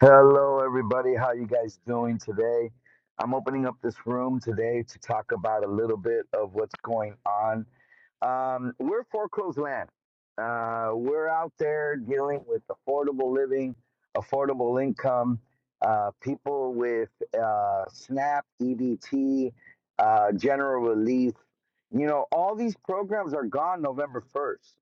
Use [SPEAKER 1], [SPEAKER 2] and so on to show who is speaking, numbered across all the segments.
[SPEAKER 1] Hello, everybody. How you guys doing today? I'm opening up this room today to talk about a little bit of what's going on. Um, we're foreclosed land. Uh, we're out there dealing with affordable living, affordable income, uh, people with uh, SNAP, EBT, uh, general relief. You know, all these programs are gone November 1st.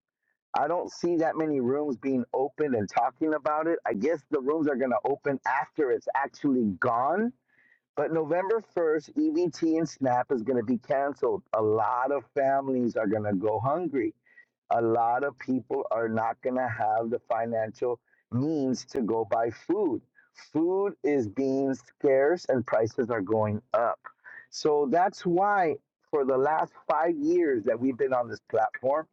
[SPEAKER 1] I don't see that many rooms being opened and talking about it. I guess the rooms are going to open after it's actually gone. But November 1st, EBT and SNAP is going to be canceled. A lot of families are going to go hungry a lot of people are not going to have the financial means to go buy food. Food is being scarce and prices are going up. So that's why, for the last five years that we've been on this platform,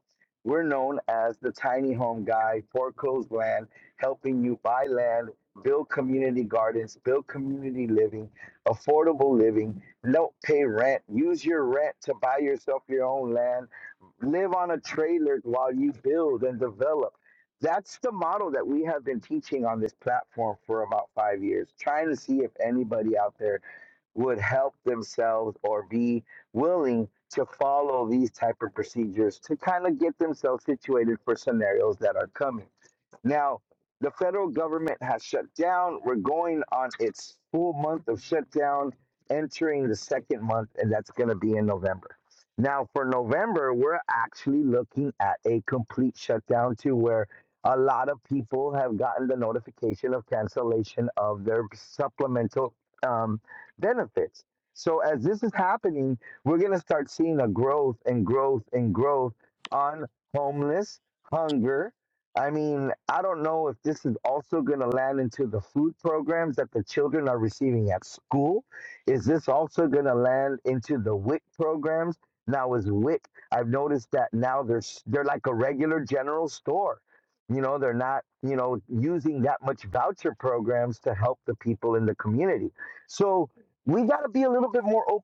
[SPEAKER 1] we're known as the tiny home guy, foreclosed land, helping you buy land, build community gardens, build community living, affordable living, don't pay rent, use your rent to buy yourself your own land live on a trailer while you build and develop. That's the model that we have been teaching on this platform for about five years, trying to see if anybody out there would help themselves or be willing to follow these type of procedures to kind of get themselves situated for scenarios that are coming. Now, the federal government has shut down. We're going on its full month of shutdown, entering the second month, and that's going to be in November. Now, for November, we're actually looking at a complete shutdown to where a lot of people have gotten the notification of cancellation of their supplemental um, benefits. So, as this is happening, we're going to start seeing a growth and growth and growth on homeless, hunger, I mean, I don't know if this is also going to land into the food programs that the children are receiving at school. Is this also going to land into the WIC programs? Now, is WIC, I've noticed that now they're, s- they're like a regular general store. You know, they're not, you know, using that much voucher programs to help the people in the community. So we got to be a little bit more open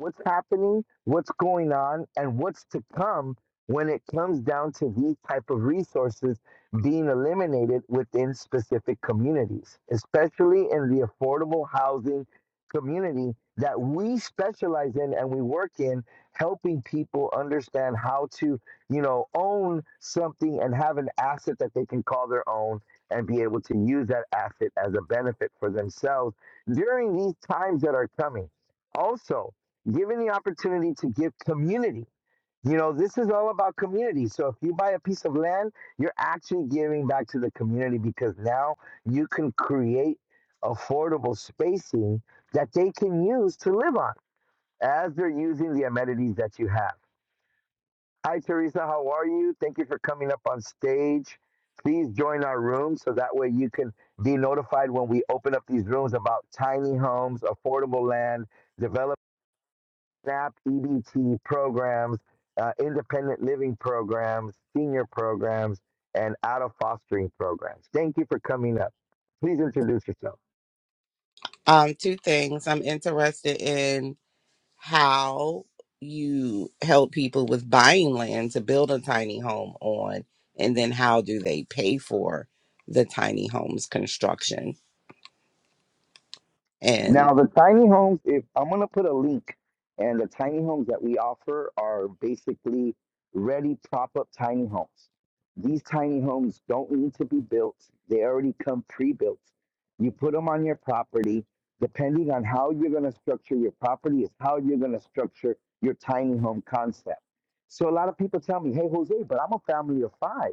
[SPEAKER 1] what's happening, what's going on, and what's to come when it comes down to these type of resources being eliminated within specific communities, especially in the affordable housing community that we specialize in and we work in helping people understand how to, you know, own something and have an asset that they can call their own and be able to use that asset as a benefit for themselves during these times that are coming. Also, given the opportunity to give community. You know, this is all about community. So if you buy a piece of land, you're actually giving back to the community because now you can create affordable spacing that they can use to live on as they're using the amenities that you have. Hi, Teresa. How are you? Thank you for coming up on stage. Please join our room so that way you can be notified when we open up these rooms about tiny homes, affordable land, development. SNAP, EBT programs, uh, independent living programs, senior programs, and out of fostering programs. Thank you for coming up. Please introduce yourself.
[SPEAKER 2] Um, two things. I'm interested in how you help people with buying land to build a tiny home on, and then how do they pay for the tiny homes construction? And
[SPEAKER 1] Now, the tiny homes, if I'm going to put a link, and the tiny homes that we offer are basically ready prop up tiny homes. These tiny homes don't need to be built, they already come pre built. You put them on your property. Depending on how you're going to structure your property, is how you're going to structure your tiny home concept. So, a lot of people tell me, Hey, Jose, but I'm a family of five.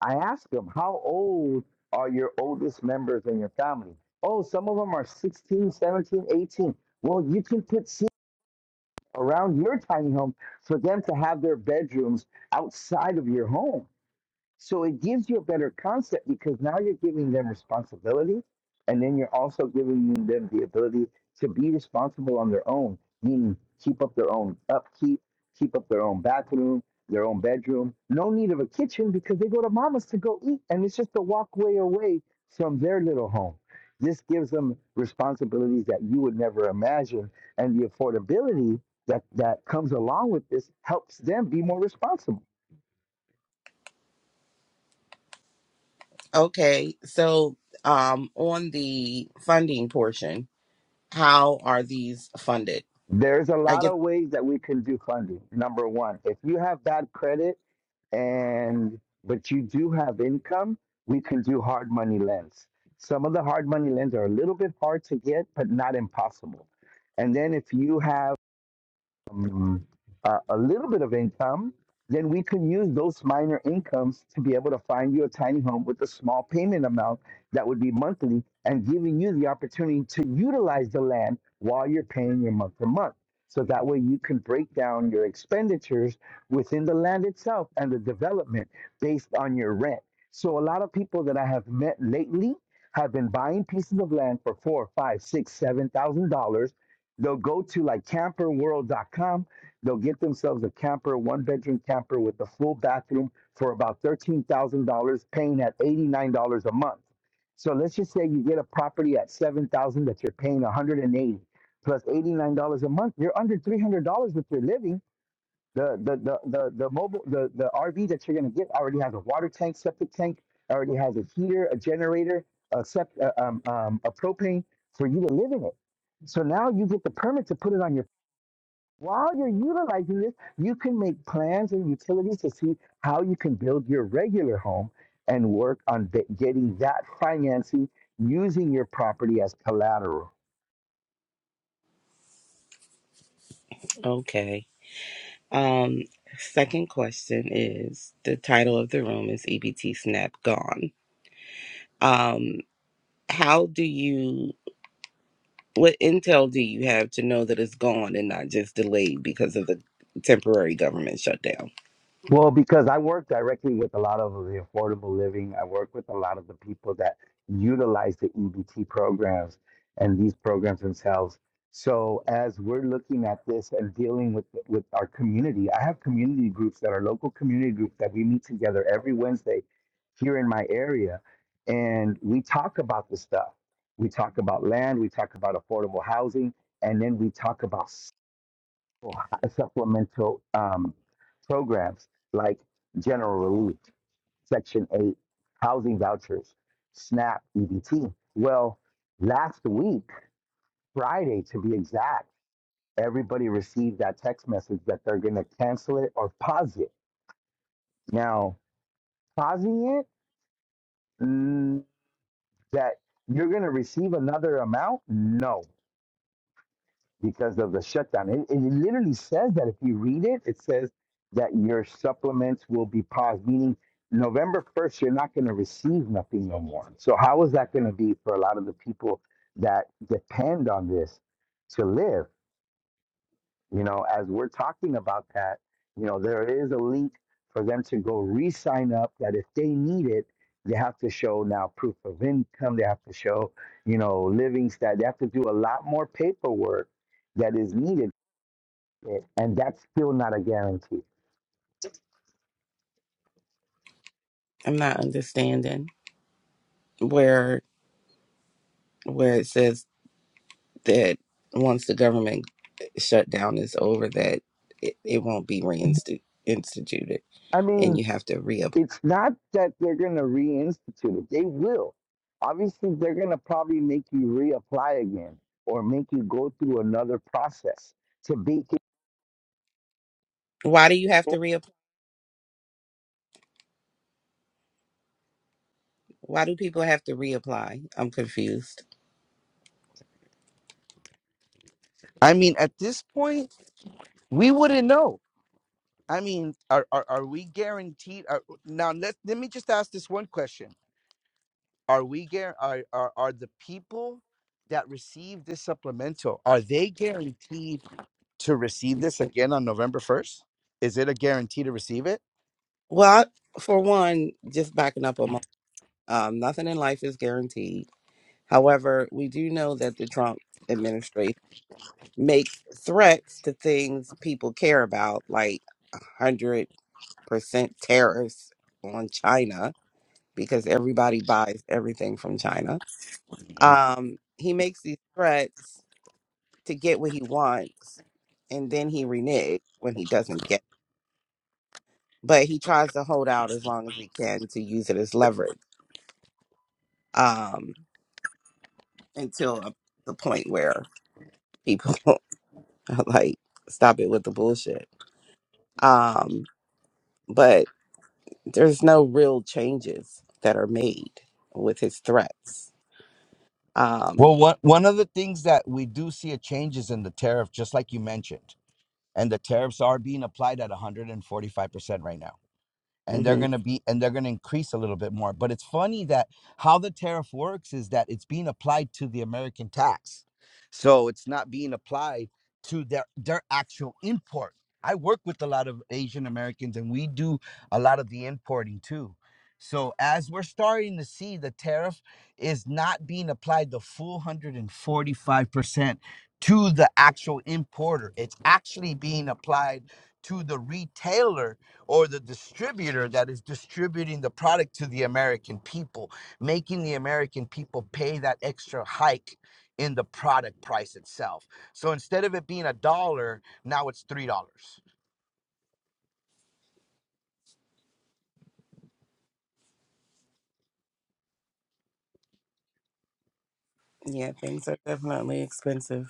[SPEAKER 1] I asked them, how old are your oldest members in your family? Oh, some of them are 16, 17, 18. Well, you can put seats around your tiny home for them to have their bedrooms outside of your home. So it gives you a better concept because now you're giving them responsibility and then you're also giving them the ability to be responsible on their own, meaning keep up their own upkeep, keep up their own bathroom, their own bedroom. No need of a kitchen because they go to mama's to go eat and it's just a walkway away from their little home. This gives them responsibilities that you would never imagine. And the affordability that, that comes along with this helps them be more responsible
[SPEAKER 2] okay, so um, on the funding portion, how are these funded?
[SPEAKER 1] There's a
[SPEAKER 2] I
[SPEAKER 1] lot
[SPEAKER 2] get
[SPEAKER 1] of ways that we can do funding. Number one, if you have bad credit and but you do have income, we can do hard money lends. Some of the hard money lends are a little bit hard to get, but not impossible. And then if you have um, a, a little bit of income, then we can use those minor incomes to be able to find you a tiny home with a small payment amount that would be monthly and giving you the opportunity to utilize the land while you're paying your month to month. So that way you can break down your expenditures within the land itself and the development based on your rent. So a lot of people that I have met lately have been buying pieces of land for four, five, six, seven thousand dollars They'll go to like camperworld.com. They'll get themselves a camper, one bedroom camper with a full bathroom for about $13,000, paying at $89 a month. So let's just say you get a property at 7,000 that you're paying 180 $89 a month. You're under $300 if you're living the the the the, the mobile the, the RV that you're gonna get already has a water tank, septic tank, already has a heater, a generator, a sept, uh, um, um, a propane for you to live in it. So now you get the permit to put it on your. While you're utilizing this, you can make plans and utilities to see how you can build your regular home and work on be- getting that financing using your property as collateral.
[SPEAKER 2] okay. Um, second question is the title of the room is EBT Snap Gone. Um, how do you? What intel do you have to know that it's gone and not just delayed because of the temporary government shutdown?
[SPEAKER 1] Well, because I work directly with a lot of the affordable living, I work with a lot of the people that utilize the EBT programs and these programs themselves. So as we're looking at this and dealing with with our community, I have community groups that are local community groups that we meet together every Wednesday here in my area, and we talk about this stuff. We talk about land, we talk about affordable housing, and then we talk about for supplemental um, programs like general relief, Section 8, housing vouchers, SNAP, EBT. Well, last week, Friday to be exact, everybody received that text message that they're going to cancel it or pause it. Now, pausing it, mm, that you're going to receive another amount? No because of the shutdown. It, it literally says that if you read it, it says that your supplements will be paused, meaning November 1st, you're not going to receive nothing no more. So, how is that going to be for a lot of the people that depend on this to live? You know, as we're talking about that, you know, there is a link for them to go re sign up that if they need it, they have to show now proof of income, they have to show, you know, living stat, they have to do a lot more paperwork that is needed it, and that's still not a guarantee.
[SPEAKER 2] I'm not understanding where where it says that once the government shutdown is over, that it, it won't be reinstituted
[SPEAKER 1] I
[SPEAKER 2] and
[SPEAKER 1] mean,
[SPEAKER 2] you have to reapply.
[SPEAKER 1] it's not that they're going to reinstitute it. They will. Obviously, they're going to probably make you reapply again or make you go through another process to be.
[SPEAKER 2] Why do you have to reapply? Why do people have to reapply? I'm confused.
[SPEAKER 1] I mean, at this point, we wouldn't know. I mean, are are, are we guaranteed? Are, now, let let me just ask this one question: Are we guar? Are, are are the people that receive this supplemental? Are they guaranteed? to receive this again on November 1st? Is it a guarantee to receive it?
[SPEAKER 2] Well, for one, just backing up a moment, um, nothing in life is guaranteed. However, we do know that the Trump makes threats to things people care about, like 100% tariffs on China, because everybody buys everything from China. Um, he makes these threats to get what he wants, and then he reneges when he doesn't get it. But he tries to hold out as long as he can to use it as leverage um, until a, the point where people are like, stop it with the bullshit. Um, but. there's no real changes that are made with his threats.
[SPEAKER 1] Well,
[SPEAKER 2] Um,
[SPEAKER 1] one one of the things that we do see a change is in the tariff, just like you mentioned, and the tariffs are being applied at 145 percent right now. and they're
[SPEAKER 2] hmm
[SPEAKER 1] going to be and they're going to increase a little bit more but it's funny that how the tariff works is that it's being applied to the american tax so it's not being applied to their their actual import i work with a lot of asian americans and we do a lot of the importing too so as we're starting to see the tariff is not being applied the full 145% to the actual importer it's actually being applied to the retailer or the distributor that is distributing the product to the American people, making the American people pay that extra hike in the product price itself. So instead of it being a dollar, now it's three dollars.
[SPEAKER 2] Yeah, things are definitely expensive.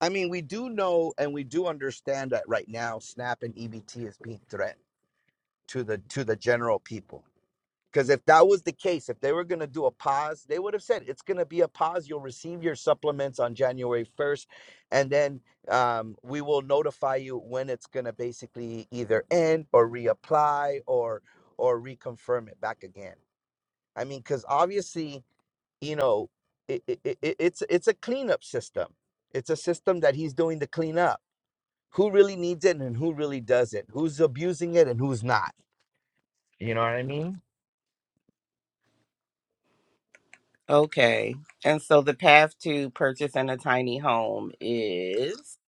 [SPEAKER 1] I mean, we do know and we do understand that right now SNAP and EBT is being threatened to the to the general people. Because if that was the case, if they were going to do a pause, they would have said it's going to be a pause. You'll receive your supplements on January 1st, and then um, we will notify you when it's going to basically either end or reapply or or reconfirm it back again. I mean, because obviously, you know, it, it, it, it's it's a cleanup system. It's a system that he's doing to clean up. Who really needs it and who really doesn't? Who's abusing it and who's not? You know,
[SPEAKER 2] Okay. And so the path to purchasing a tiny home is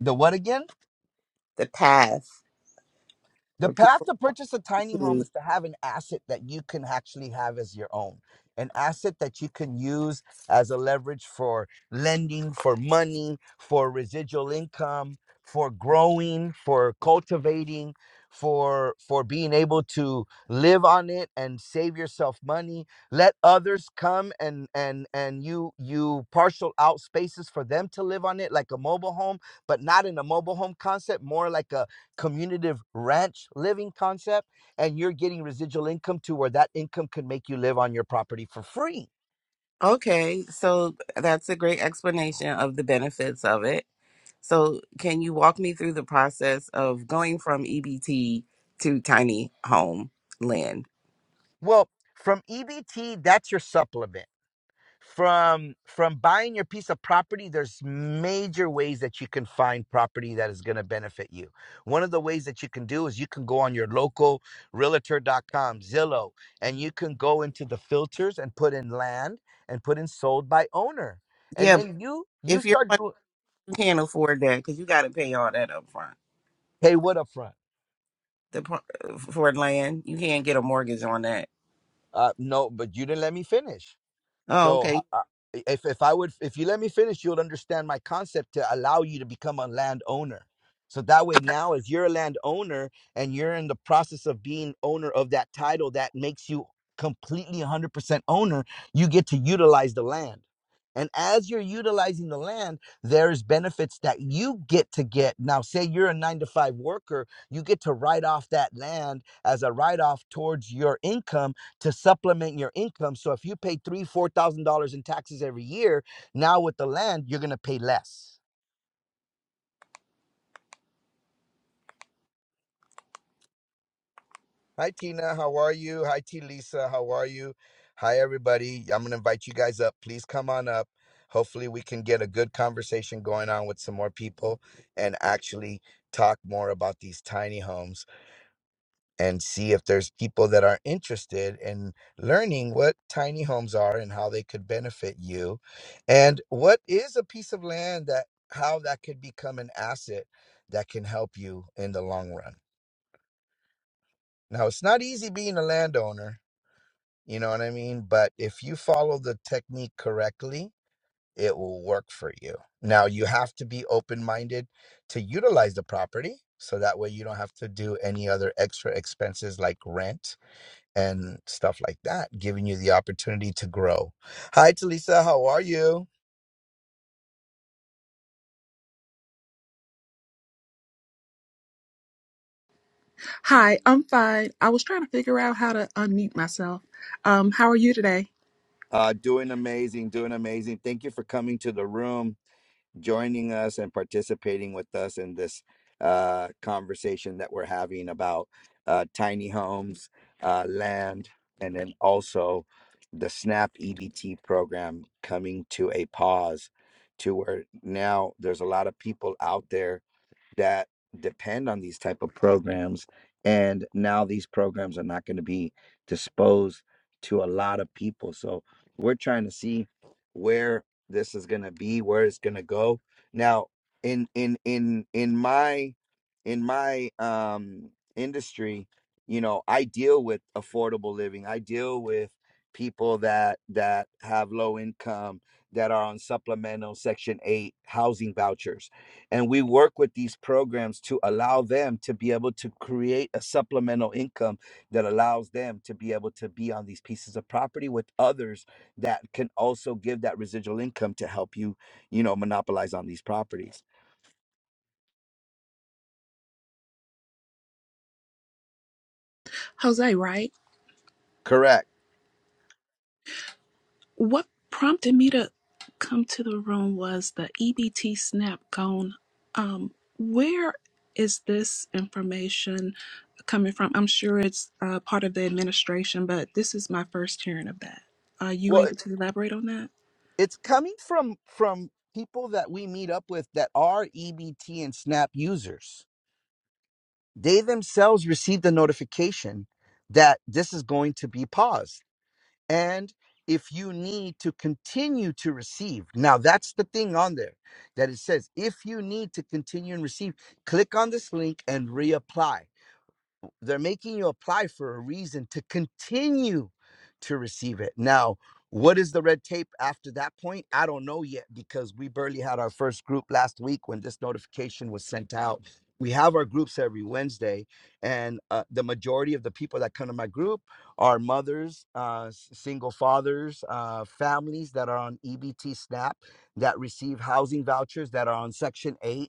[SPEAKER 1] the what again?
[SPEAKER 2] the path
[SPEAKER 1] The
[SPEAKER 2] for
[SPEAKER 1] path
[SPEAKER 2] people.
[SPEAKER 1] to purchase a tiny home is to have an asset that you can actually have as your own, an asset that you can use as a leverage for lending, for money, for residual income, for growing, for cultivating, for for being able to live on it and save yourself money. Let others come and and and you you parcel out spaces for them to live on it like a mobile home, but not in a mobile home concept, more like a community ranch living concept and you're getting residual income to where that income can make you live on your property for free
[SPEAKER 2] Okay, so that's a great explanation of the benefits of it. So, can you walk me through the process of going from EBT to tiny home land?
[SPEAKER 1] well from ebt that's your supplement from from buying your piece of property there's major ways that you can find property that is going to benefit you one of the ways that you can do is you can go on your local Realtor dot com, zillow and you can go into the filters and put in land and put in sold by owner and
[SPEAKER 2] Yeah, but
[SPEAKER 1] then you you
[SPEAKER 2] if you're
[SPEAKER 1] start doing
[SPEAKER 2] you can't afford that because you got to pay all that up front.
[SPEAKER 1] hey what up front
[SPEAKER 2] the par- for land. You can't get a mortgage on that.
[SPEAKER 1] Uh, no, but you didn't let me finish.
[SPEAKER 2] Oh,
[SPEAKER 1] So ho-
[SPEAKER 2] okay.
[SPEAKER 1] uh, if if I would, if you let me finish, you would understand my concept to allow you to become a landowner. So that way, now if you're a landowner and you're in the process of being owner of that title, that makes you completely 100% owner. You get to utilize the land. And as you're utilizing the land, there's benefits that you get to get. Now, say you're a nine to five worker, you get to write off that land as a write off towards your income to supplement your income. So if you pay three, four thousand dollars in taxes every year, now with the land, you're gonna pay less. Hi Tina, how are you? Hi T Lisa, how are you? Hi everybody. I'm gonna invite you guys up. Please come on up. Hopefully we can get a good conversation going on with some more people and actually talk more about these tiny homes. and see if there's people that are interested in learning what tiny homes are and how they could benefit you and what is a piece of land that how that could become an asset that can help you in the long run now it's not easy being a landowner you know what i mean but if you follow the technique correctly it will work for you now you have to be open-minded to utilize the property so that way you don't have to do any other extra expenses like rent and stuff like that, giving you the opportunity to grow. Hi, Talisa, how are you?
[SPEAKER 3] Hi, I'm fine. I was trying to figure out how to unmute myself. Um, how are you today?
[SPEAKER 1] Uh, doing amazing, doing amazing. Thank you for coming to the room, joining us, and participating with us in this uh, conversation that we're having about uh, tiny homes, uh, land, and then also the SNAP EBT program coming to a pause to where now there's a lot of people out there that depend on these type of programs and now these programs are not going to be disposed to a lot of people so we're trying to see where this is going to be where it's going to go now in in in in my in my um industry you know i deal with affordable living i deal with people that that have low income that are on supplemental section 8 housing vouchers and we work with these programs to allow them to be able to create a supplemental income that allows them to be able to be on these pieces of property with others that can also give that residual income to help you you know monopolize on these properties
[SPEAKER 3] Jose, right?
[SPEAKER 1] correct
[SPEAKER 3] What prompted me to come to the room was the EBT SNAP gone. Um, where is this information coming from? I'm sure it's uh, part of the administration, but this is my first hearing of that. Are you
[SPEAKER 1] well
[SPEAKER 3] able
[SPEAKER 1] it-
[SPEAKER 3] to elaborate on that?
[SPEAKER 1] it's coming from from people that we meet up with that are ebt and snap users they themselves received the notification that this is going to be paused and if you need to continue to receive now that's the thing on there that it says if you need to continue and receive click on this link and reapply they're making you apply for a reason to continue to receive it. Now, what is the red tape after that point? I don't know yet because we barely had our first group last week when this notification was sent out. We have our groups every Wednesday, and uh, the majority of the people that come to my group are mothers, uh, single fathers, uh, families that are on EBT SNAP that receive housing vouchers that are on Section 8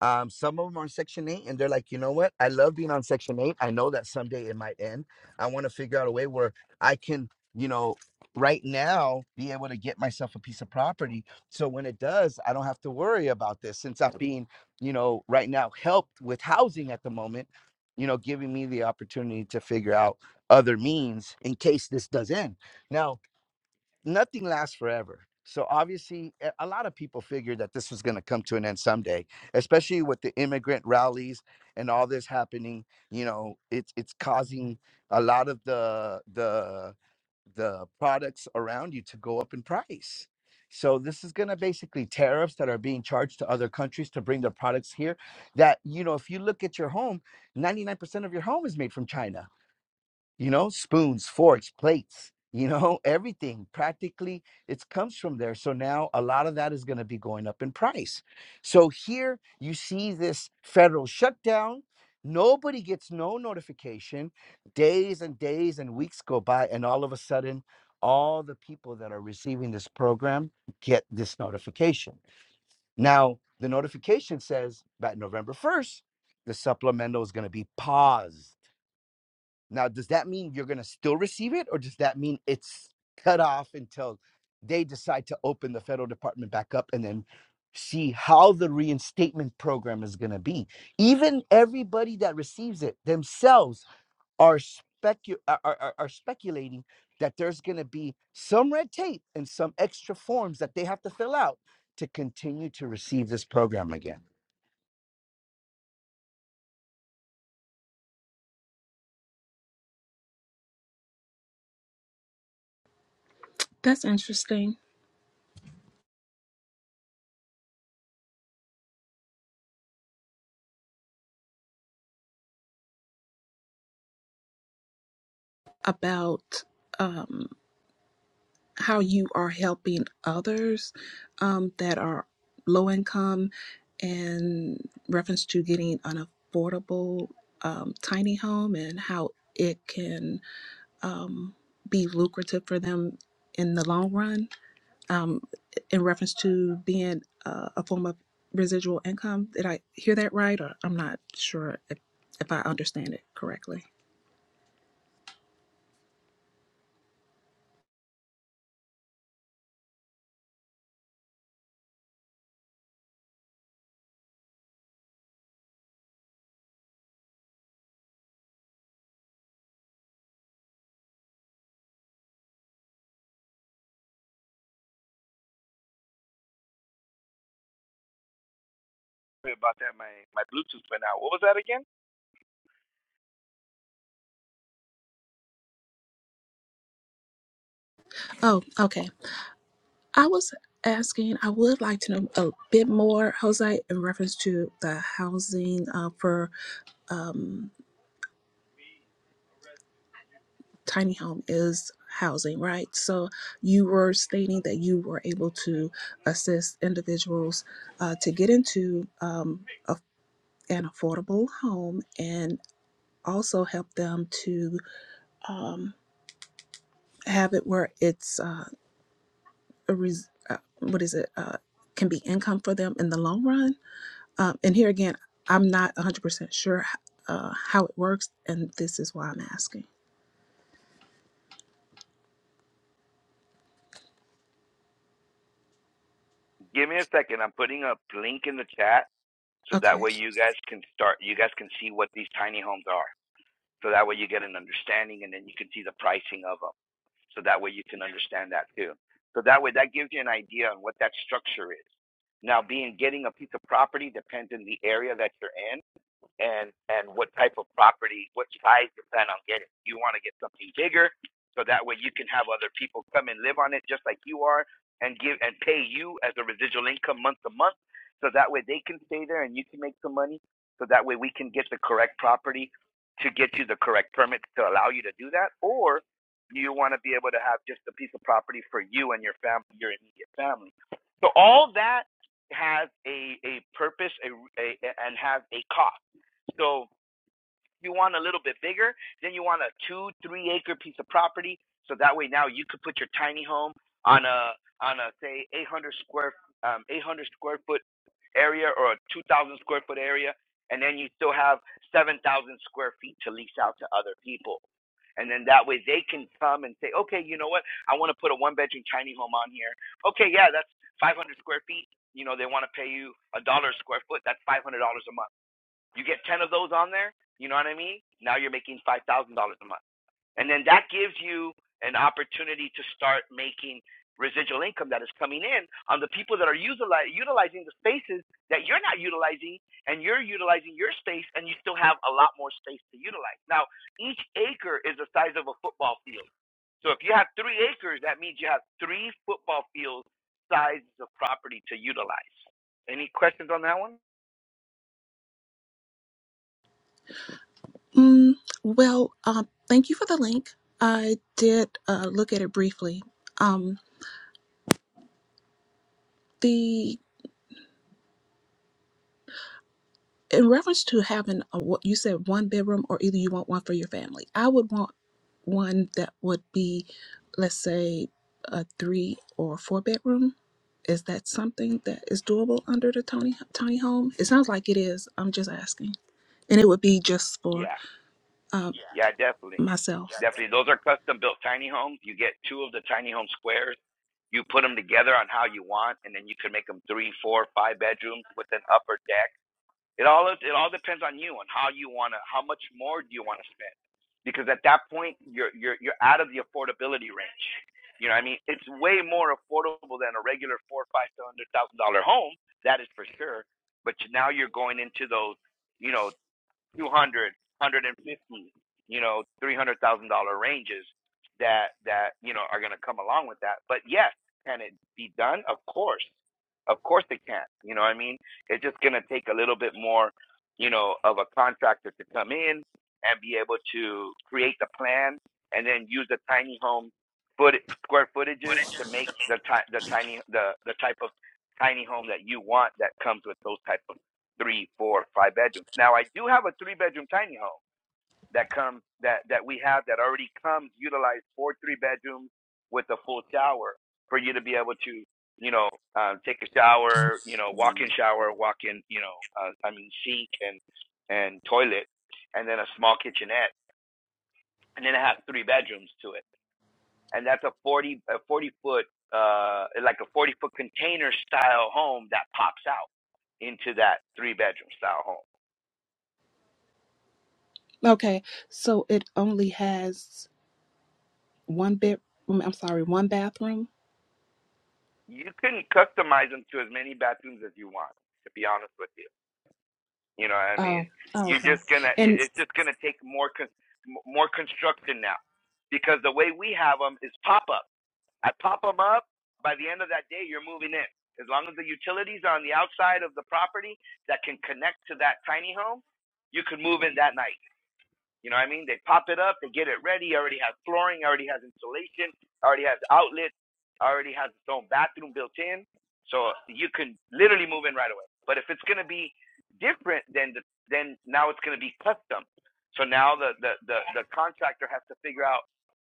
[SPEAKER 1] um, some of them are on Section 8, and they're like, you know what? I love being on Section 8. I know that someday it might end. I want to figure out a way where I can, you know, right now be able to get myself a piece of property. So when it does, I don't have to worry about this since I'm being, you know, right now helped with housing at the moment, you know, giving me the opportunity to figure out other means in case this does end. Now, nothing lasts forever. So obviously, a a lot of people figured that this was going to come to an end someday, especially with the immigrant rallies and all this happening. You know, it's it's causing a lot of the the the products around you to go up in price. So this is going to basically tariffs that are being charged to other countries to bring their products here. That you know, if you look at your home, ninety nine percent of your home is made from China you know spoons forks plates you know everything practically it comes from there so now a lot of that is going to be going up in price so here you see this federal shutdown nobody gets no notification days and days and weeks go by and all of a sudden all the people that are receiving this program get this notification now the notification says by november 1st the supplemental is going to be paused now, does that mean you're going to still receive it, or does that mean it's cut off until they decide to open the federal department back up and then see how the reinstatement program is going to be? Even everybody that receives it themselves are, specu- are, are, are speculating that there's going to be some red tape and some extra forms that they have to fill out to continue to receive this program again.
[SPEAKER 3] That's interesting about. Um, how you are helping others um, that are low income in reference to getting an affordable um, tiny home and how it can um, be lucrative for them in the long run um, in reference to being uh, a form of residual income did i hear that right or i'm not sure if, if i understand it correctly
[SPEAKER 1] Sorry about that. My my Bluetooth went out. What was that again?
[SPEAKER 3] oh okay I was asking, I would like to know a bit more, Jose, in reference to the housing uh, for um, tiny home is housing, right? So you were stating that you were able to assist individuals uh, to get into um, a, an affordable home and also help them to um, have it where it's uh, a res- uh, what is it uh, can be income for them in the long run Um, and here again, I'm not 100% sure uh, how it works, and this is why I'm asking.
[SPEAKER 1] Give me a second. I'm putting a link in the chat. so that
[SPEAKER 3] Okay.
[SPEAKER 1] way you guys can start you guys can see what these tiny homes are so that way you get an understanding and then you can see the pricing of them so that way you can understand that too so that way that gives you an idea on what that structure is now being getting a piece of property depends on the area that you're in and and what type of property, what size you plan on getting. You want to get something bigger, so that way you can have other people come and live on it just like you are, and give and pay you as a residual income month to month, so that way they can stay there and you can make some money. So that way we can get the correct property to get you the correct permits to allow you to do that, or you want to be able to have just a piece of property for you and your family, your immediate family. So all that has a a purpose, a, a and has a cost so you want a little bit bigger, then you want a two, three acre piece of property. So that way now you could put your tiny home on a on a say 800 square um, 800 square foot area or a 2,000 square foot area, and then you still have 7,000 square feet to lease out to other people. And then that way they can come and say, okay, you know what? I want to put a one bedroom tiny home on here. Okay, yeah, that's 500 square feet. You know, they want to pay you a dollar a square foot. That's $500 a month you get 10 of those on there, you know what I mean? Now you're making $5,000 a month. And then that gives you an opportunity to start making residual income that is coming in on the people that are utilizing the spaces that you're not utilizing and you're utilizing your space and you still have a lot more space to utilize. Now, each acre is the size of a football field. So if you have three acres, that means you have three football field sizes of property to utilize. Any questions on that one?
[SPEAKER 3] Mm, well, um, thank you for the link. I did uh, look at it briefly. Um, the in reference to having a, what you said one bedroom, or either you want one for your family. I would want one that would be, let's say, a three or four bedroom. Is that something that is doable under the tiny tiny home? It sounds like it is. I'm just asking. and it would be just for
[SPEAKER 1] Yeah.
[SPEAKER 3] um,
[SPEAKER 1] Yeah,
[SPEAKER 3] Yeah.
[SPEAKER 1] definitely.
[SPEAKER 3] myself.
[SPEAKER 1] Definitely. Those are custom built tiny homes. You get two of the tiny home squares. You put them together on how you want, and then you can make them three, four, five bedrooms with an upper deck. It all it all depends on you on how you want to, how much more do you want to spend? Because at that point, you're you're you're out of the affordability range. You know, what I mean, it's way more affordable than a regular four, five, seven hundred thousand dollar home. That is for sure. But now you're going into those, you know, 200, you know, $300,000 ranges that, that, you know, are going to come along with that. But yes, can it be done? Of course. Of course it can. You know what I mean? It's just going to take a little bit more, you know, of a contractor to come in and be able to create the plan and then use the tiny home foot square
[SPEAKER 3] Would
[SPEAKER 1] footages
[SPEAKER 3] it just-
[SPEAKER 1] to make the ti- the tiny the the type of tiny home that you want that comes with those type of three, four, five bedrooms. Now I do have a three bedroom tiny home that comes that that we have that already comes utilized for three bedrooms with a full shower for you to be able to you know uh, take a shower, you know walk in shower, walk in you know uh, I mean sink and and toilet, and then a small kitchenette, and then it has three bedrooms to it, and that's a forty a forty foot uh like a forty foot container style home that pops out into that three bedroom style home.
[SPEAKER 3] Okay, so it only has one bed. I'm sorry, one bathroom.
[SPEAKER 1] you can customize them to as many bathrooms as you want. To be honest with you, you know what I
[SPEAKER 3] Oh,
[SPEAKER 1] mean.
[SPEAKER 3] oh,
[SPEAKER 1] You're
[SPEAKER 3] okay.
[SPEAKER 1] just gonna.
[SPEAKER 3] And
[SPEAKER 1] It's just gonna take more more construction now, because the way we have them is pop up. I pop them up. By the end of that day, you're moving in. As long as the utilities are on the outside of the property that can connect to that tiny home, you can move in that night. You know what I mean? They pop it up, they get it ready, already has flooring, already has insulation, already has outlets, already has its own bathroom built in. So you can literally move in right away. But if it's gonna be different then the, then now it's gonna be custom. So now the, the, the, the contractor has to figure out,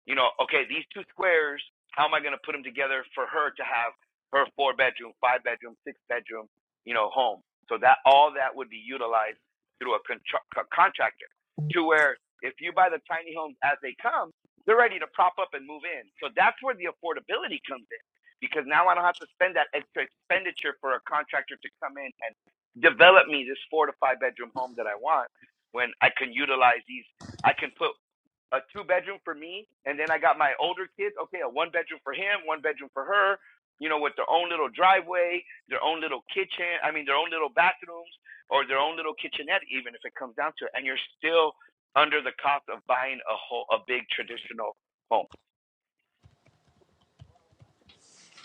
[SPEAKER 1] you know, okay, these two squares, how am I gonna put them together for her to have her four bedroom, five bedroom, six bedroom, you know, home. So that all that would be utilized through a, contra- a contractor to where if you buy the tiny homes as they come, they're ready to prop up and move in. So that's where the affordability comes in because now I don't have to spend that extra expenditure for a contractor to come in and develop me this four to five bedroom home that I want when I can utilize these. I can put a two bedroom for me, and then I got my older kids. Okay, a one bedroom for him, one bedroom for her. You know, with their own little driveway, their own little kitchen. I mean, their own little bathrooms or their own little kitchenette, even if it comes down to it. And you're still under the cost of buying a whole a big traditional home.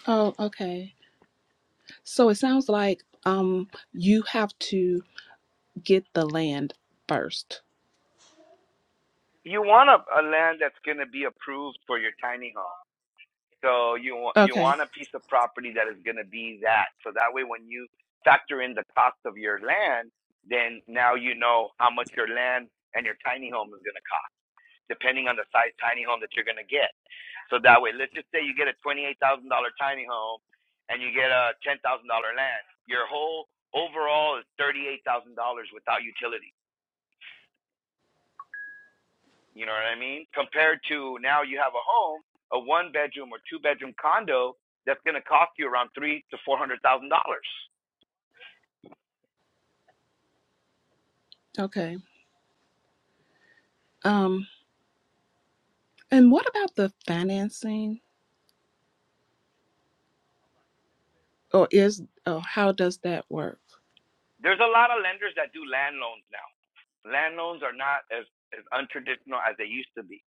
[SPEAKER 3] oh, okay. So it sounds like um you have to get the land first.
[SPEAKER 1] You want a, a land that's going to be approved for your tiny home. So you want you
[SPEAKER 3] Okay,
[SPEAKER 1] want a piece of property that is going to be that. So that way, when you factor in the cost of your land, then now you know how much your land and your tiny home is going to cost, depending on the size tiny home that you're going to get. So that way, let's just say you get a twenty-eight thousand dollar tiny home, and you get a ten thousand dollar land. Your whole overall is thirty-eight thousand dollars without utilities You know what I mean? Compared to now you have a home, a one bedroom or two bedroom condo that's going to cost you around three to four hundred thousand dollars.
[SPEAKER 3] okay. Um, and what about the financing, or is Oh, how does that work?
[SPEAKER 1] There's a lot of lenders that do land loans now. Land loans are not as as untraditional as they used to be.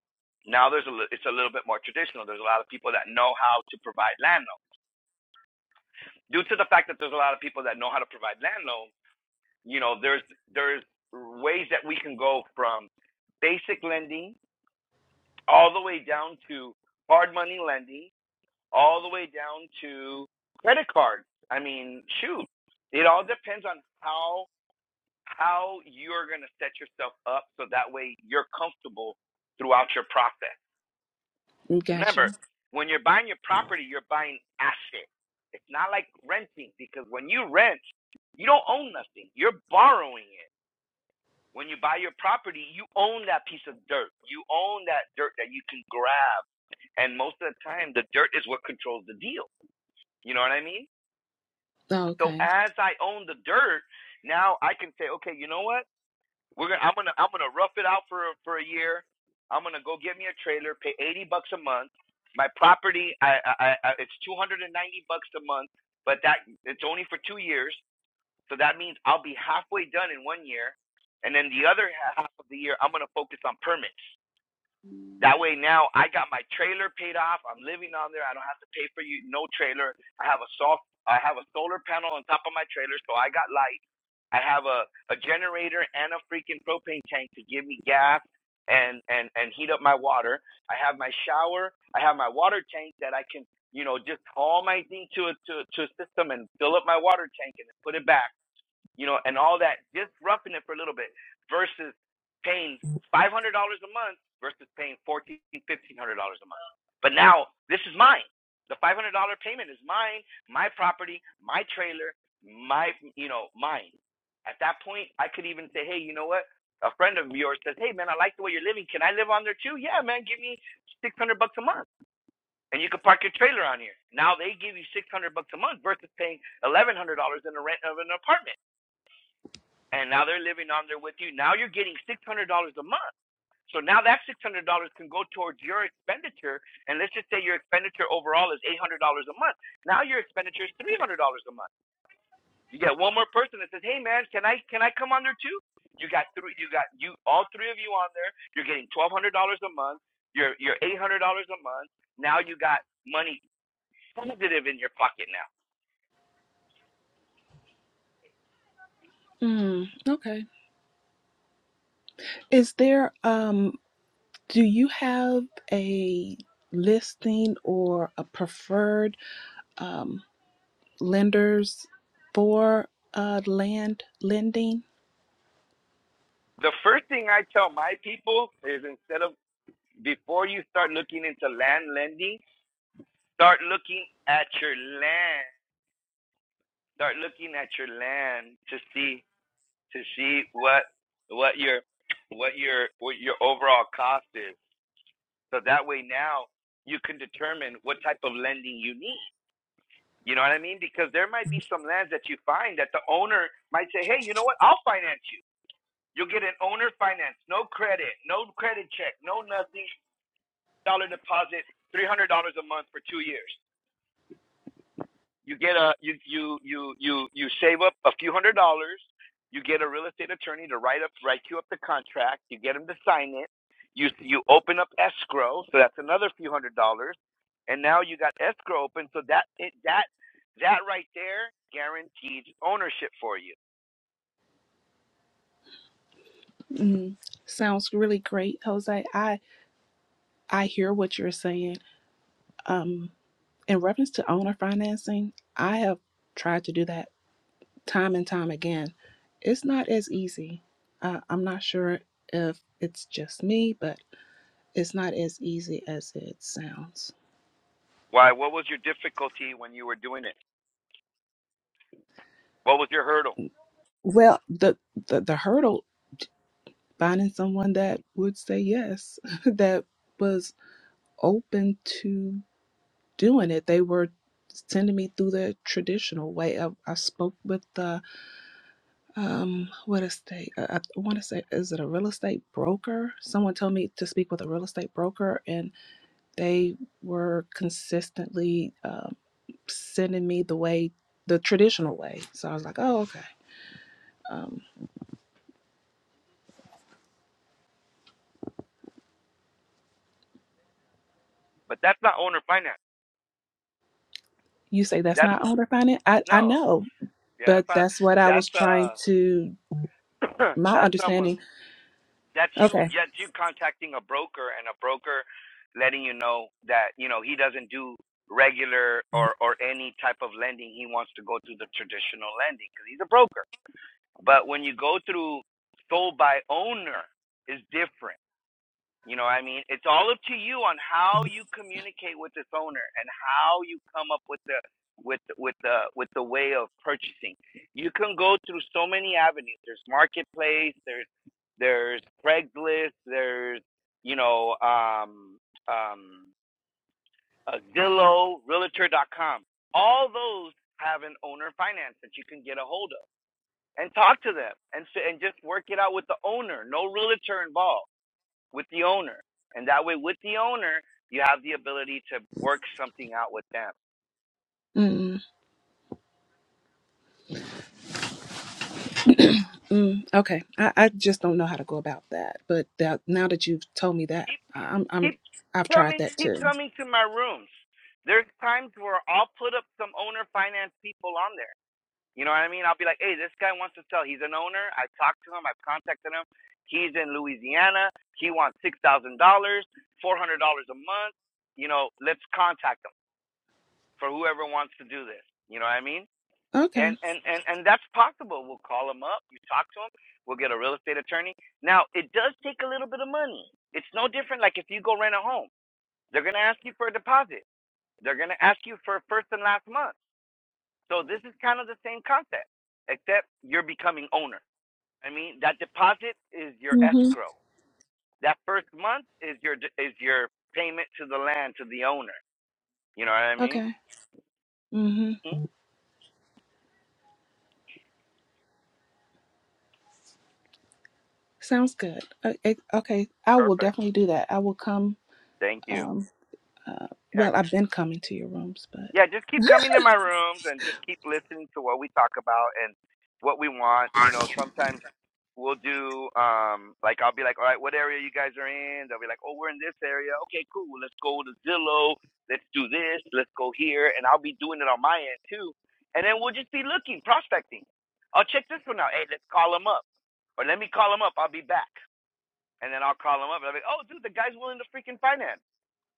[SPEAKER 1] Now there's a it's a little bit more traditional. There's a lot of people that know how to provide land loans. Due to the fact that there's a lot of people that know how to provide land loans, you know, there's there's ways that we can go from basic lending all the way down to hard money lending all the way down to credit cards. I mean, shoot, it all depends on how how you're going to set yourself up so that way you're comfortable throughout your process.
[SPEAKER 3] Gotcha.
[SPEAKER 1] Remember, when you're buying your property, you're buying asset. It's not like renting because when you rent, you don't own nothing. You're borrowing it. When you buy your property, you own that piece of dirt. You own that dirt that you can grab. And most of the time, the dirt is what controls the deal. You know what I mean?
[SPEAKER 3] Oh,
[SPEAKER 1] So
[SPEAKER 3] Okay.
[SPEAKER 1] as I own the dirt, now I can say, okay, you know what? We're gonna I'm gonna I'm gonna rough it out for for a year. I'm gonna go get me a trailer, pay eighty bucks a month. My property, I, I, I it's two hundred and ninety bucks a month, but that it's only for two years. So that means I'll be halfway done in one year, and then the other half of the year I'm gonna focus on permits. That way now I got my trailer paid off. I'm living on there. I don't have to pay for you no trailer. I have a soft I have a solar panel on top of my trailer, so I got light. I have a, a generator and a freaking propane tank to give me gas and, and, and heat up my water. I have my shower. I have my water tank that I can, you know, just haul my thing to a to, to a system and fill up my water tank and then put it back you know, and all that, just roughing it for a little bit versus paying $500 a month versus paying $1,400, $1,500 a month. But now this is mine. The $500 payment is mine, my property, my trailer, my, you know, mine. At that point, I could even say, hey, you know what? A friend of yours says, hey, man, I like the way you're living. Can I live on there too? Yeah, man, give me 600 bucks a month. And you can park your trailer on here. Now they give you 600 bucks a month versus paying $1,100 in the rent of an apartment and now they're living on there with you. Now you're getting six hundred dollars a month. So now that six hundred dollars can go towards your expenditure, and let's just say your expenditure overall is eight hundred dollars a month. Now your expenditure is three hundred dollars a month. You get one more person that says, "Hey man, can I can I come on there too?" You got three. You got you all three of you on there. You're getting twelve hundred dollars a month. You're you're eight hundred dollars a month. Now you got money positive in your pocket now.
[SPEAKER 3] Mm, okay. Is there um? Do you have a listing or a preferred um, lenders for uh, land lending?
[SPEAKER 1] The first thing I tell my people is instead of before you start looking into land lending Start looking at your land. Start looking at your land to see to see what what your what your what your overall cost is. So that way now you can determine what type of lending you need. You know what I mean? Because there might be some lands that you find that the owner might say, "Hey, you know what? I'll finance you. You'll get an owner finance, no credit, no credit check, no nothing, dollar deposit, three hundred dollars a month for two years." you get a you you you you you save up a few hundred dollars you get a real estate attorney to write up write you up the contract you get him to sign it you you open up escrow so that's another few hundred dollars and now you got escrow open so that it, that that right there guarantees ownership for you
[SPEAKER 3] Mm, sounds really great, Jose. I I hear what you're saying. Um, in reference to owner financing, I have tried to do that time and time again. It's not as easy. Uh, I'm not sure if it's just me, but it's not as easy as it sounds.
[SPEAKER 1] why what was your difficulty when you were doing it what was your hurdle
[SPEAKER 3] Well, the the, the hurdle finding someone that would say yes, that was open to doing it. They were sending me through the traditional way. I, I spoke with the, um, what estate? I, I want to say, is it a real estate broker? Someone told me to speak with a real estate broker, and they were consistently um, sending me the way, the traditional way. So I was like, oh, okay. Um,
[SPEAKER 1] but that's not owner finance
[SPEAKER 3] you say that's
[SPEAKER 1] that's
[SPEAKER 3] not owner finance? I, I
[SPEAKER 1] no
[SPEAKER 3] know,
[SPEAKER 1] yeah
[SPEAKER 3] but
[SPEAKER 1] that's not,
[SPEAKER 3] that's what I was trying
[SPEAKER 1] that's
[SPEAKER 3] to
[SPEAKER 1] uh
[SPEAKER 3] my
[SPEAKER 1] that's someone
[SPEAKER 3] understanding.
[SPEAKER 1] that's you
[SPEAKER 3] Okay.
[SPEAKER 1] that's you contacting a broker and a broker letting you know that you know he doesn't do regular or or any type of lending he wants to go through the traditional lending because he's a broker but when you go through sold by owner is different you know what I mean? It's all up to you on how you communicate with this owner and how you come up with the with with the with the way of purchasing. You can go through so many avenues. There's marketplace, there's there's Craigslist, there's you know um um uh, Zillow, realtor dot com. All those have an owner finance that you can get a hold of and talk to them and s- and just work it out with the owner. No realtor involved with the owner. And that way, with the owner, you have the ability to work something out with them.
[SPEAKER 3] Mm, mm, okay. I, I just don't know how to go about that. But that, now that you've told me that,
[SPEAKER 1] Keep,
[SPEAKER 3] I- I'm I'm
[SPEAKER 1] keep
[SPEAKER 3] I've tried
[SPEAKER 1] coming,
[SPEAKER 3] that
[SPEAKER 1] keep
[SPEAKER 3] too.
[SPEAKER 1] coming to my rooms. There's times where I'll put up some owner finance people on there. You know what I mean? I'll be like, hey, this guy wants to sell. He's an owner. I talked to him. I've contacted him. He's in Louisiana. He wants six thousand dollars, four hundred dollars a month. You know, let's contact him for whoever wants to do this. You know what I mean?
[SPEAKER 3] Okay.
[SPEAKER 1] and and and and that's possible. We'll call them up. You talk to them. We'll get a real estate attorney. Now it does take a little bit of money. It's no different. Like if you go rent a home, they're gonna ask you for a deposit. They're gonna ask you for first and last month. So this is kind of the same concept, except you're becoming owner. I mean that deposit is your
[SPEAKER 3] Mm-hmm.
[SPEAKER 1] escrow. That first month is your is your payment to the land to the owner. You know what I mean?
[SPEAKER 3] Okay. Mm-hmm.
[SPEAKER 1] Mhm.
[SPEAKER 3] Sounds good. O- o- Okay. I will
[SPEAKER 1] Perfect.
[SPEAKER 3] definitely do that. I will come.
[SPEAKER 1] Thank you.
[SPEAKER 3] Um. Uh,
[SPEAKER 1] Yeah,
[SPEAKER 3] well, I've been coming to your rooms, but
[SPEAKER 1] yeah, just keep coming to my rooms and just keep listening to what we talk about and what we want. You know, sometimes we'll do um like I'll be like, All right, what area you guys are in? They'll be like, Oh, we're in this area. Okay, cool. Let's go to Zillow, let's do this, let's go here and I'll be doing it on my end too. And then we'll just be looking, prospecting. I'll check this one out. Hey, let's call them up. Or let me call them up, I'll be back. And then I'll call them up and I'll be like, Oh dude, the guy's willing to freaking finance.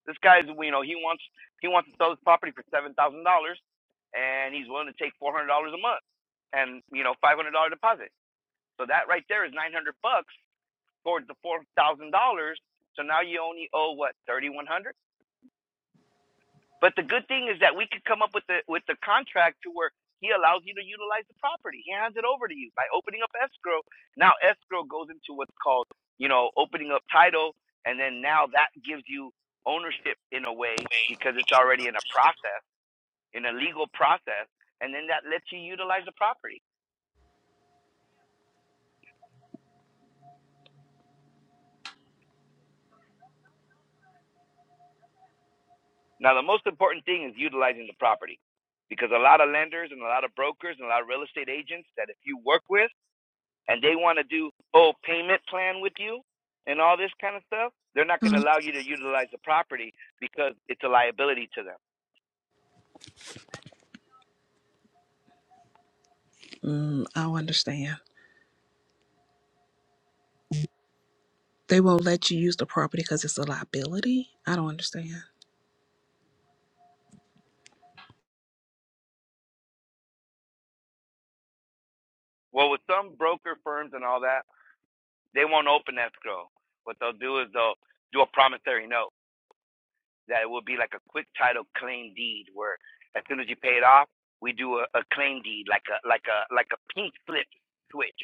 [SPEAKER 1] This guy's, you know, he wants he wants to sell his property for seven thousand dollars, and he's willing to take four hundred dollars a month, and you know, five hundred dollar deposit. So that right there is nine hundred bucks towards the four thousand dollars. So now you only owe what 3100 but the good thing is that we could come up with the with the contract to where he allows you to utilize the property. He hands it over to you by opening up escrow. Now escrow goes into what's called, you know, opening up title, and then now that gives you ownership in a way because it's already in a process, in a legal process, and then that lets you utilize the property. Now the most important thing is utilizing the property because a lot of lenders and a lot of brokers and a lot of real estate agents that if you work with and they want to do oh payment plan with you and all this kind of stuff, they're not going to
[SPEAKER 3] Mm.
[SPEAKER 1] allow you to utilize the property because it's a liability to them.
[SPEAKER 3] Mm, I don't understand. They won't let you use the property because it's a liability. I don't understand.
[SPEAKER 1] Well, with some broker firms and all that, they won't open escrow. What they'll do is they'll do a promissory note that it will be like a quick title claim deed, where as soon as you pay it off, we do a, a claim deed, like a like a like a pink slip switch.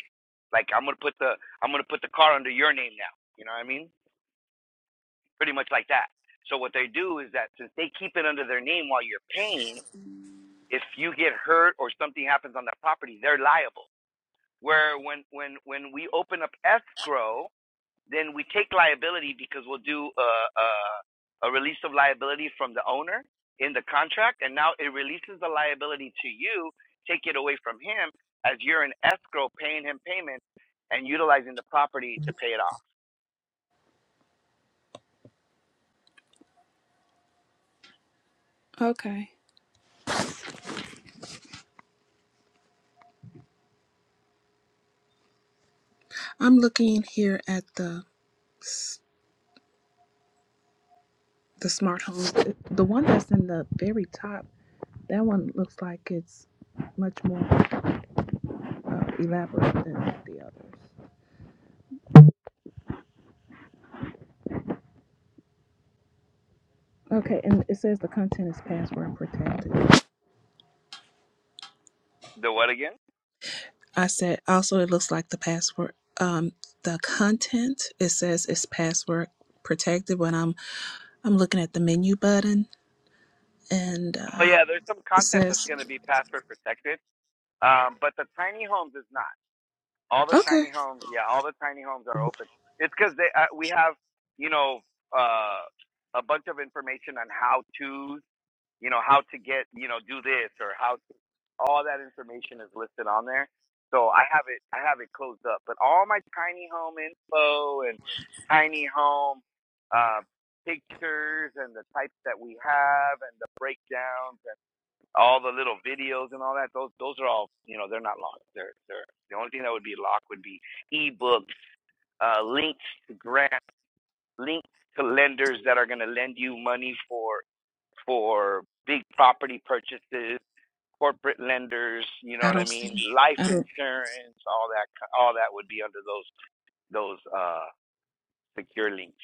[SPEAKER 1] Like I'm gonna put the I'm gonna put the car under your name now. You know what I mean? pretty much like that. So what they do is that since they keep it under their name while you're paying, if you get hurt or something happens on that property, they're liable. Where when when when we open up escrow, then we take liability because we'll do a a, a release of liability from the owner in the contract, and now it releases the liability to you, take it away from him as you're in escrow paying him payments and utilizing the property to pay it off.
[SPEAKER 3] Okay. I'm looking here at the s- the smart home. The one that's in the very top, that one looks like it's much more uh, elaborate than the others. Okay, and it says the content is password protected.
[SPEAKER 1] The what again?
[SPEAKER 3] I said also it looks like the password um the content it says it's password protected when I'm I'm looking at the menu button and
[SPEAKER 1] Oh
[SPEAKER 3] uh
[SPEAKER 1] yeah, there's some
[SPEAKER 3] it
[SPEAKER 1] content that's
[SPEAKER 3] says
[SPEAKER 1] going to be password protected, um, but the tiny homes is not. All the
[SPEAKER 3] okay,
[SPEAKER 1] tiny homes, yeah, all the tiny homes are open. It's because they uh, we have you know uh, a bunch of information on how to you know how to get you know do this or how to, all that information is listed on there. So I have it I have it closed up, but all my tiny home info and tiny home uh, pictures and the types that we have and the breakdowns all the little videos and all that, those those are all you know they're not locked. They're they're the only thing that would be locked would be ebooks, uh, links to grants, links to lenders that are going to lend you money for for big property purchases, corporate lenders. You know
[SPEAKER 3] I
[SPEAKER 1] what I
[SPEAKER 3] don't
[SPEAKER 1] mean?
[SPEAKER 3] see.
[SPEAKER 1] Life
[SPEAKER 3] I don't.
[SPEAKER 1] insurance, all that all that would be under those those uh, secure links.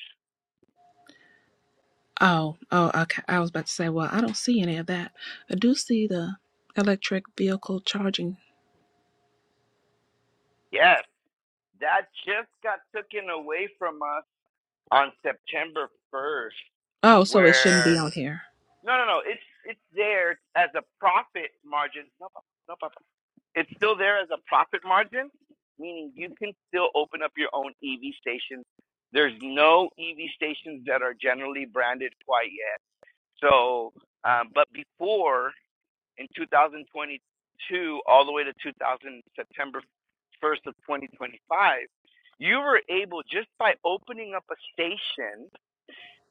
[SPEAKER 3] Oh, oh, okay. I was about to say, well, I don't see any of that. I do see the electric vehicle charging.
[SPEAKER 1] Yes, that just got taken away from us on September first,
[SPEAKER 3] Oh, so it shouldn't be
[SPEAKER 1] where
[SPEAKER 3] on here.
[SPEAKER 1] No, no, no. It's it's there as a profit margin. No, papa. no, no, no. It's still there as a profit margin, meaning you can still open up your own EV station. There's no EV stations that are generally branded quite yet. So, um, but before in 2022, all the way to 2000 September 1st of 2025, you were able just by opening up a station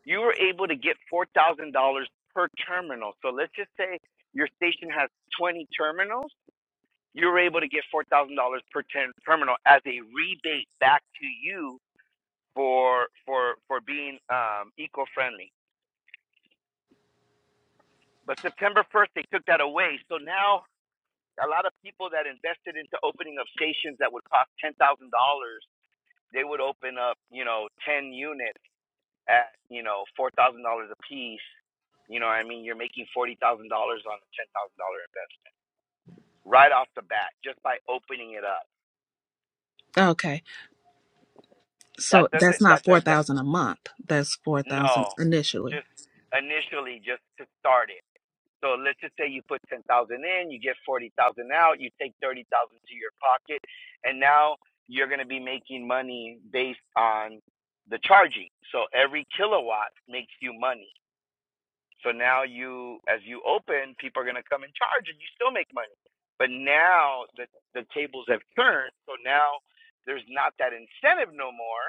[SPEAKER 1] you were able to get four thousand dollars per terminal. So let's just say your station has twenty terminals. You were able to get four thousand dollars per terminal as a rebate back to you for for for being um, eco-friendly. But September first, they took that away. So now a lot of people that invested into opening up stations that would cost ten thousand dollars, they would open up you know ten units at you know four thousand dollars a piece, you know what I mean? You're making forty thousand dollars on a ten thousand dollar investment right off the bat just by opening it up.
[SPEAKER 3] Okay. So
[SPEAKER 1] That
[SPEAKER 3] that's
[SPEAKER 1] doesn't
[SPEAKER 3] not
[SPEAKER 1] that that that
[SPEAKER 3] 4000 a month. That's 4000
[SPEAKER 1] no,
[SPEAKER 3] initially.
[SPEAKER 1] just initially just to start it. So let's just say you put ten thousand in, you get forty thousand out, you take thirty thousand to your pocket, and now you're going to be making money based on the charging. So every kilowatt makes you money So now you, as you open, people are going to come and charge, and you still make money. But now the the tables have turned, so now there's not that incentive no more.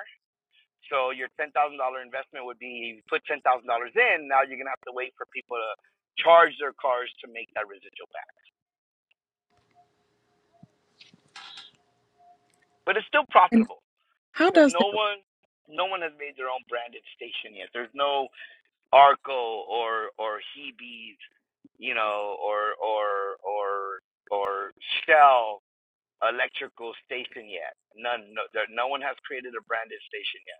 [SPEAKER 1] So your ten thousand dollar investment would be you put ten thousand dollars in. Now you're gonna have to wait for people to charge their cars to make that residual back. But it's still
[SPEAKER 3] And
[SPEAKER 1] profitable
[SPEAKER 3] how
[SPEAKER 1] because
[SPEAKER 3] does that
[SPEAKER 1] no one no one has made their own branded station yet. There's no Arco or or Hebe's, you know, or or or or Shell electrical station yet. None, no, there, no one has created a branded station yet.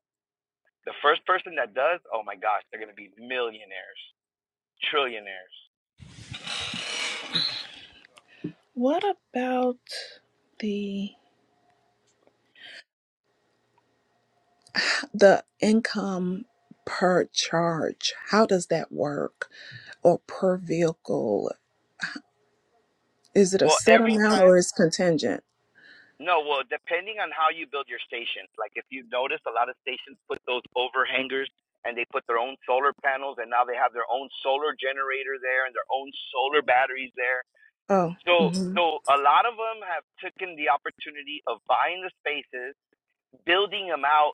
[SPEAKER 1] The first person that does, oh my gosh, they're gonna be millionaires, trillionaires.
[SPEAKER 3] What about the the income per charge? How does that work or per vehicle? Is it a
[SPEAKER 1] Well,
[SPEAKER 3] set
[SPEAKER 1] every
[SPEAKER 3] amount or
[SPEAKER 1] time,
[SPEAKER 3] is contingent?
[SPEAKER 1] no, well, depending on how you build your station. Like if you notice, a lot of stations put those overhangers and they put their own solar panels, and now they have their own solar generator there and their own solar batteries there
[SPEAKER 3] Oh,
[SPEAKER 1] So,
[SPEAKER 3] mhm.
[SPEAKER 1] so a lot of them have taken the opportunity of buying the spaces, building them out,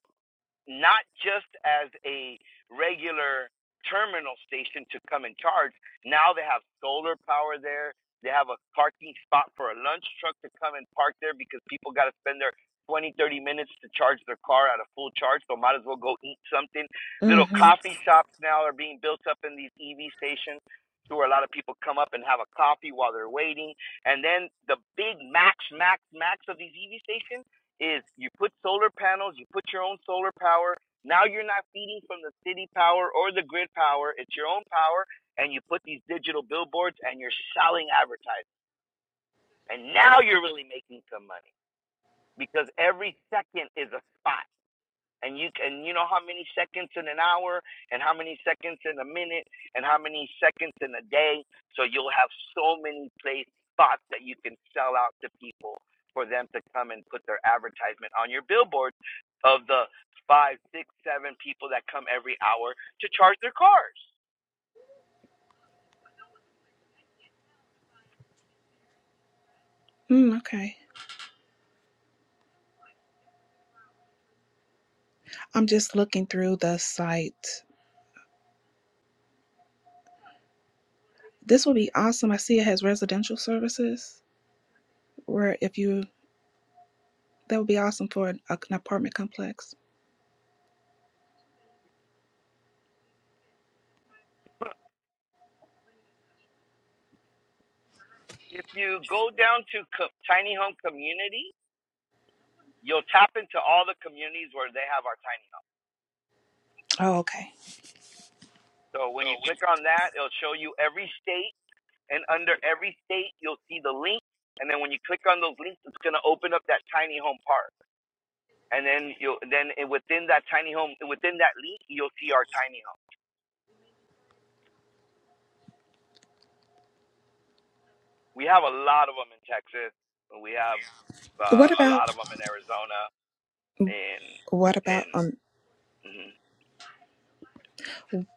[SPEAKER 1] not just as a regular terminal station to come and charge. Now they have solar power there. They have a parking spot for a lunch truck to come and park there because people got to spend their 20, 30 minutes to charge their car at a full charge. So might as well go eat something. Little
[SPEAKER 3] Mhm.
[SPEAKER 1] coffee shops now are being built up in these EV stations to where a lot of people come up and have a coffee while they're waiting. And then the big max, max, max of these EV stations is you put solar panels, you put your own solar power. Now you're not feeding from the city power or the grid power, it's your own power, and you put these digital billboards and you're selling advertising. And now you're really making some money because every second is a spot and you can you know how many seconds in an hour and how many seconds in a minute and how many seconds in a day so you'll have so many place spots that you can sell out to people for them to come and put their advertisement on your billboard of the five six seven people that come every hour to charge their cars
[SPEAKER 3] Mm, okay. I'm just looking through the site. This would be awesome. I see it has residential services where if you that would be awesome for an, an apartment complex.
[SPEAKER 1] if you go down to co- tiny home community you'll tap into all the communities where they have our tiny home
[SPEAKER 3] Oh, okay.
[SPEAKER 1] so
[SPEAKER 3] So
[SPEAKER 1] when you click
[SPEAKER 3] we,
[SPEAKER 1] on that it'll show you every state And under every state, you'll see the link. And then when you click on those links, it's gonna open up that tiny home park. And then you will then it- within that tiny home, within that link, you'll see our tiny home. We have a lot of them in Texas. and We have
[SPEAKER 3] What
[SPEAKER 1] uh, a lot of
[SPEAKER 3] about
[SPEAKER 1] them in Arizona and
[SPEAKER 3] what about
[SPEAKER 1] and
[SPEAKER 3] on
[SPEAKER 1] mhm.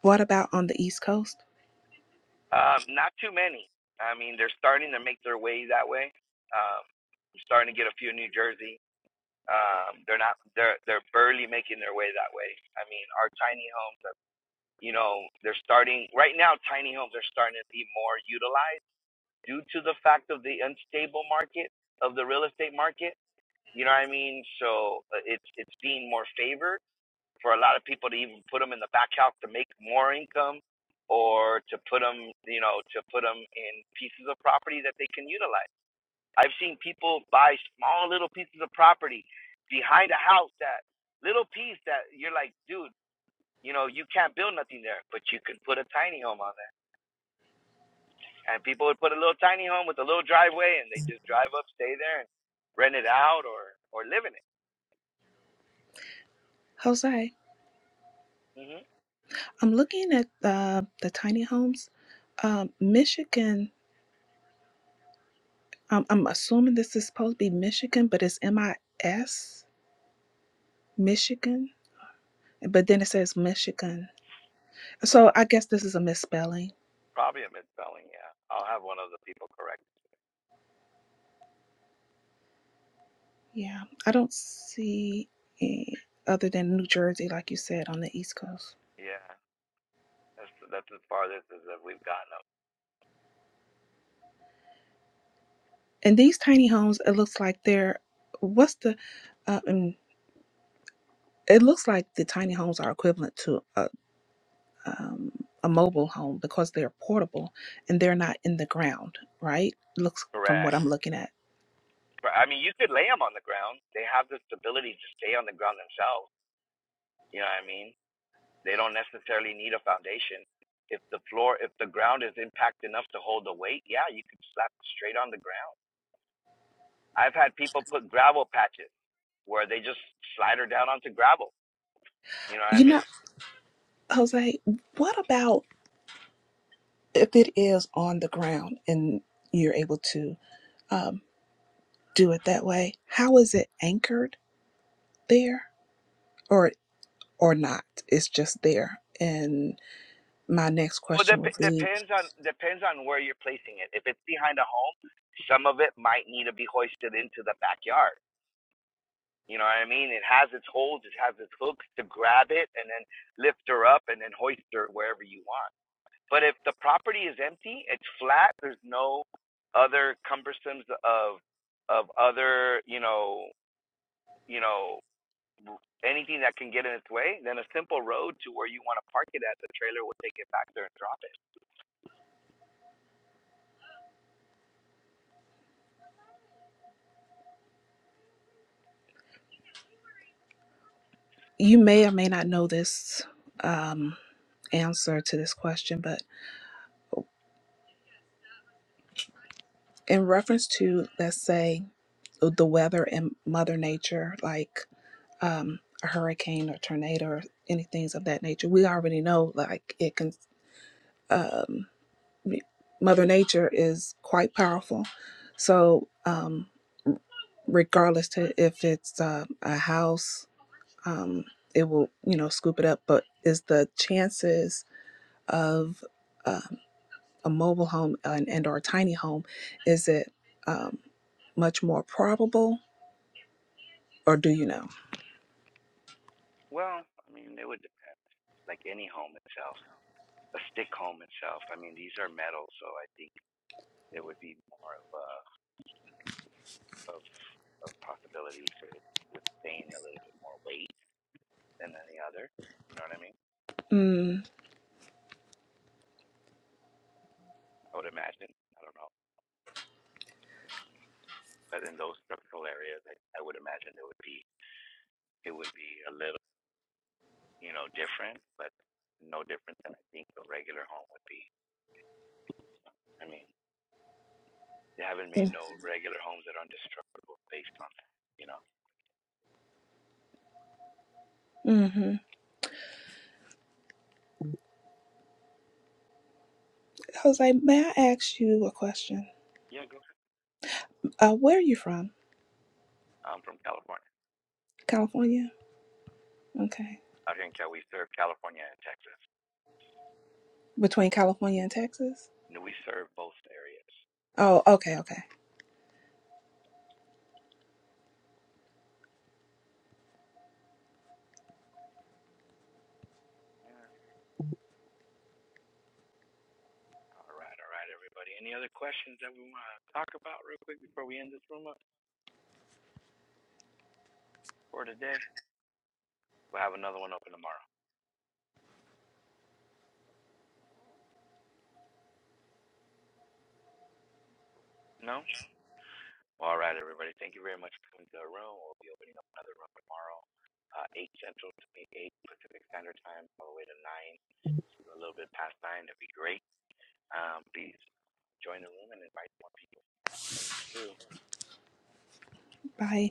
[SPEAKER 3] what about on the East Coast,
[SPEAKER 1] um, not too many. I mean, they're starting to make their way that way. Um, I'm starting to get a few in New Jersey. Um, they're not they're they're barely making their way that way. I mean, our tiny homes. you know, they're starting right now. Tiny homes are starting to be more utilized due to the fact of the unstable market of the real estate market. You know what I mean? So uh, it's it's being more favored for a lot of people to even put them in the back house to make more income, or to put them, you know, to put them in pieces of property that they can utilize. I've seen people buy small little pieces of property behind a house that little piece that you're like, dude you know, you can't build nothing there, but you can put a tiny home on there. And people would put a little tiny home with a little driveway, and they just drive up, stay there, and rent it out or or live in it.
[SPEAKER 3] Jose?
[SPEAKER 1] hmm
[SPEAKER 3] I'm looking at the the tiny homes, um, Michigan. Um, I'm assuming this is supposed to be Michigan, but it's M I S Michigan, but then it says Michigan. So I guess this is a misspelling.
[SPEAKER 1] Probably a misspelling. Yeah, I'll have one of the people correct.
[SPEAKER 3] Yeah, I don't see it other than New Jersey, like you said, on the East Coast.
[SPEAKER 1] Yeah, that's that's as far as we've gotten them.
[SPEAKER 3] And these tiny homes, it looks like they're what's the, uh, um, it looks like the tiny homes are equivalent to a um, a mobile home because they're portable and they're not in the ground, right? Looks from what
[SPEAKER 1] Correct.
[SPEAKER 3] I'm looking at.
[SPEAKER 1] I mean, you could lay them on the ground. They have the stability to stay on the ground themselves. You know what I mean? They don't necessarily need a foundation. If the floor, if the ground is impact enough to hold the weight, yeah, you could slap it straight on the ground I've had people put gravel patches where they just slide her down onto gravel. You know what I
[SPEAKER 3] You know,
[SPEAKER 1] mean?
[SPEAKER 3] Jose, what about if it is on the ground and you're able to um, do it that way? How is it anchored there? or? or not. It's just there. And my next
[SPEAKER 1] Well,
[SPEAKER 3] question
[SPEAKER 1] dep
[SPEAKER 3] would be
[SPEAKER 1] depends on depends on where you're placing it. If it's behind a home, some of it might need to be hoisted into the backyard. You know what I mean? It has its holds. it has its hooks to grab it and then lift her up and then hoist her wherever you want. But if the property is empty, it's flat, there's no other cumbersomes of of other, you know, you know, anything that can get in its way, then a simple road to where you want to park it at, the trailer will take it back there and drop it.
[SPEAKER 3] you may or may not know this um, answer to this question, but in reference to, let's say, the weather and Mother Nature, like um, a hurricane or tornado or any things of that nature, we already know like it can, um, we- Mother Nature is quite powerful. So, um, regardless to if it's uh, a house um, it will you know scoop it up but is the chances of uh, a mobile home and, and or a tiny home is it um, much more probable or do you know
[SPEAKER 1] Well, I mean, it would depend. Like any home itself, a stick home itself. I mean, these are metal, so I think it would be more of a of of possibility to withstand a little bit more weight than any other. You know what I mean?
[SPEAKER 3] mm,
[SPEAKER 1] I would imagine. I don't know. I mean, but in those structural areas, I, I would imagine it would be it would be a little. you know, different, but no different than I think a regular home would be. I mean, they haven't made no regular homes that are indestructible based on that, you know.
[SPEAKER 3] mm-hmm. jose may i ask you a question
[SPEAKER 1] Yeah, go ahead.
[SPEAKER 3] uh, where are you from
[SPEAKER 1] I'm from California.
[SPEAKER 3] california okay
[SPEAKER 1] Out here in Cal, we serve California and Texas.
[SPEAKER 3] between california and texas
[SPEAKER 1] And we serve both areas.
[SPEAKER 3] oh okay okay
[SPEAKER 1] Yeah. All right, all right, everybody. Any other questions that we want to talk about real quick before we end this room up for today? We'll have another one open tomorrow. No? All right, everybody. Thank you very much for coming to our room. We'll be opening up another room tomorrow, uh, 8 Central to 8 Pacific Standard Time, all the way to 9, to a little bit past 9. That'd be great. Um, please join the room and invite more people. Thank you.
[SPEAKER 3] bye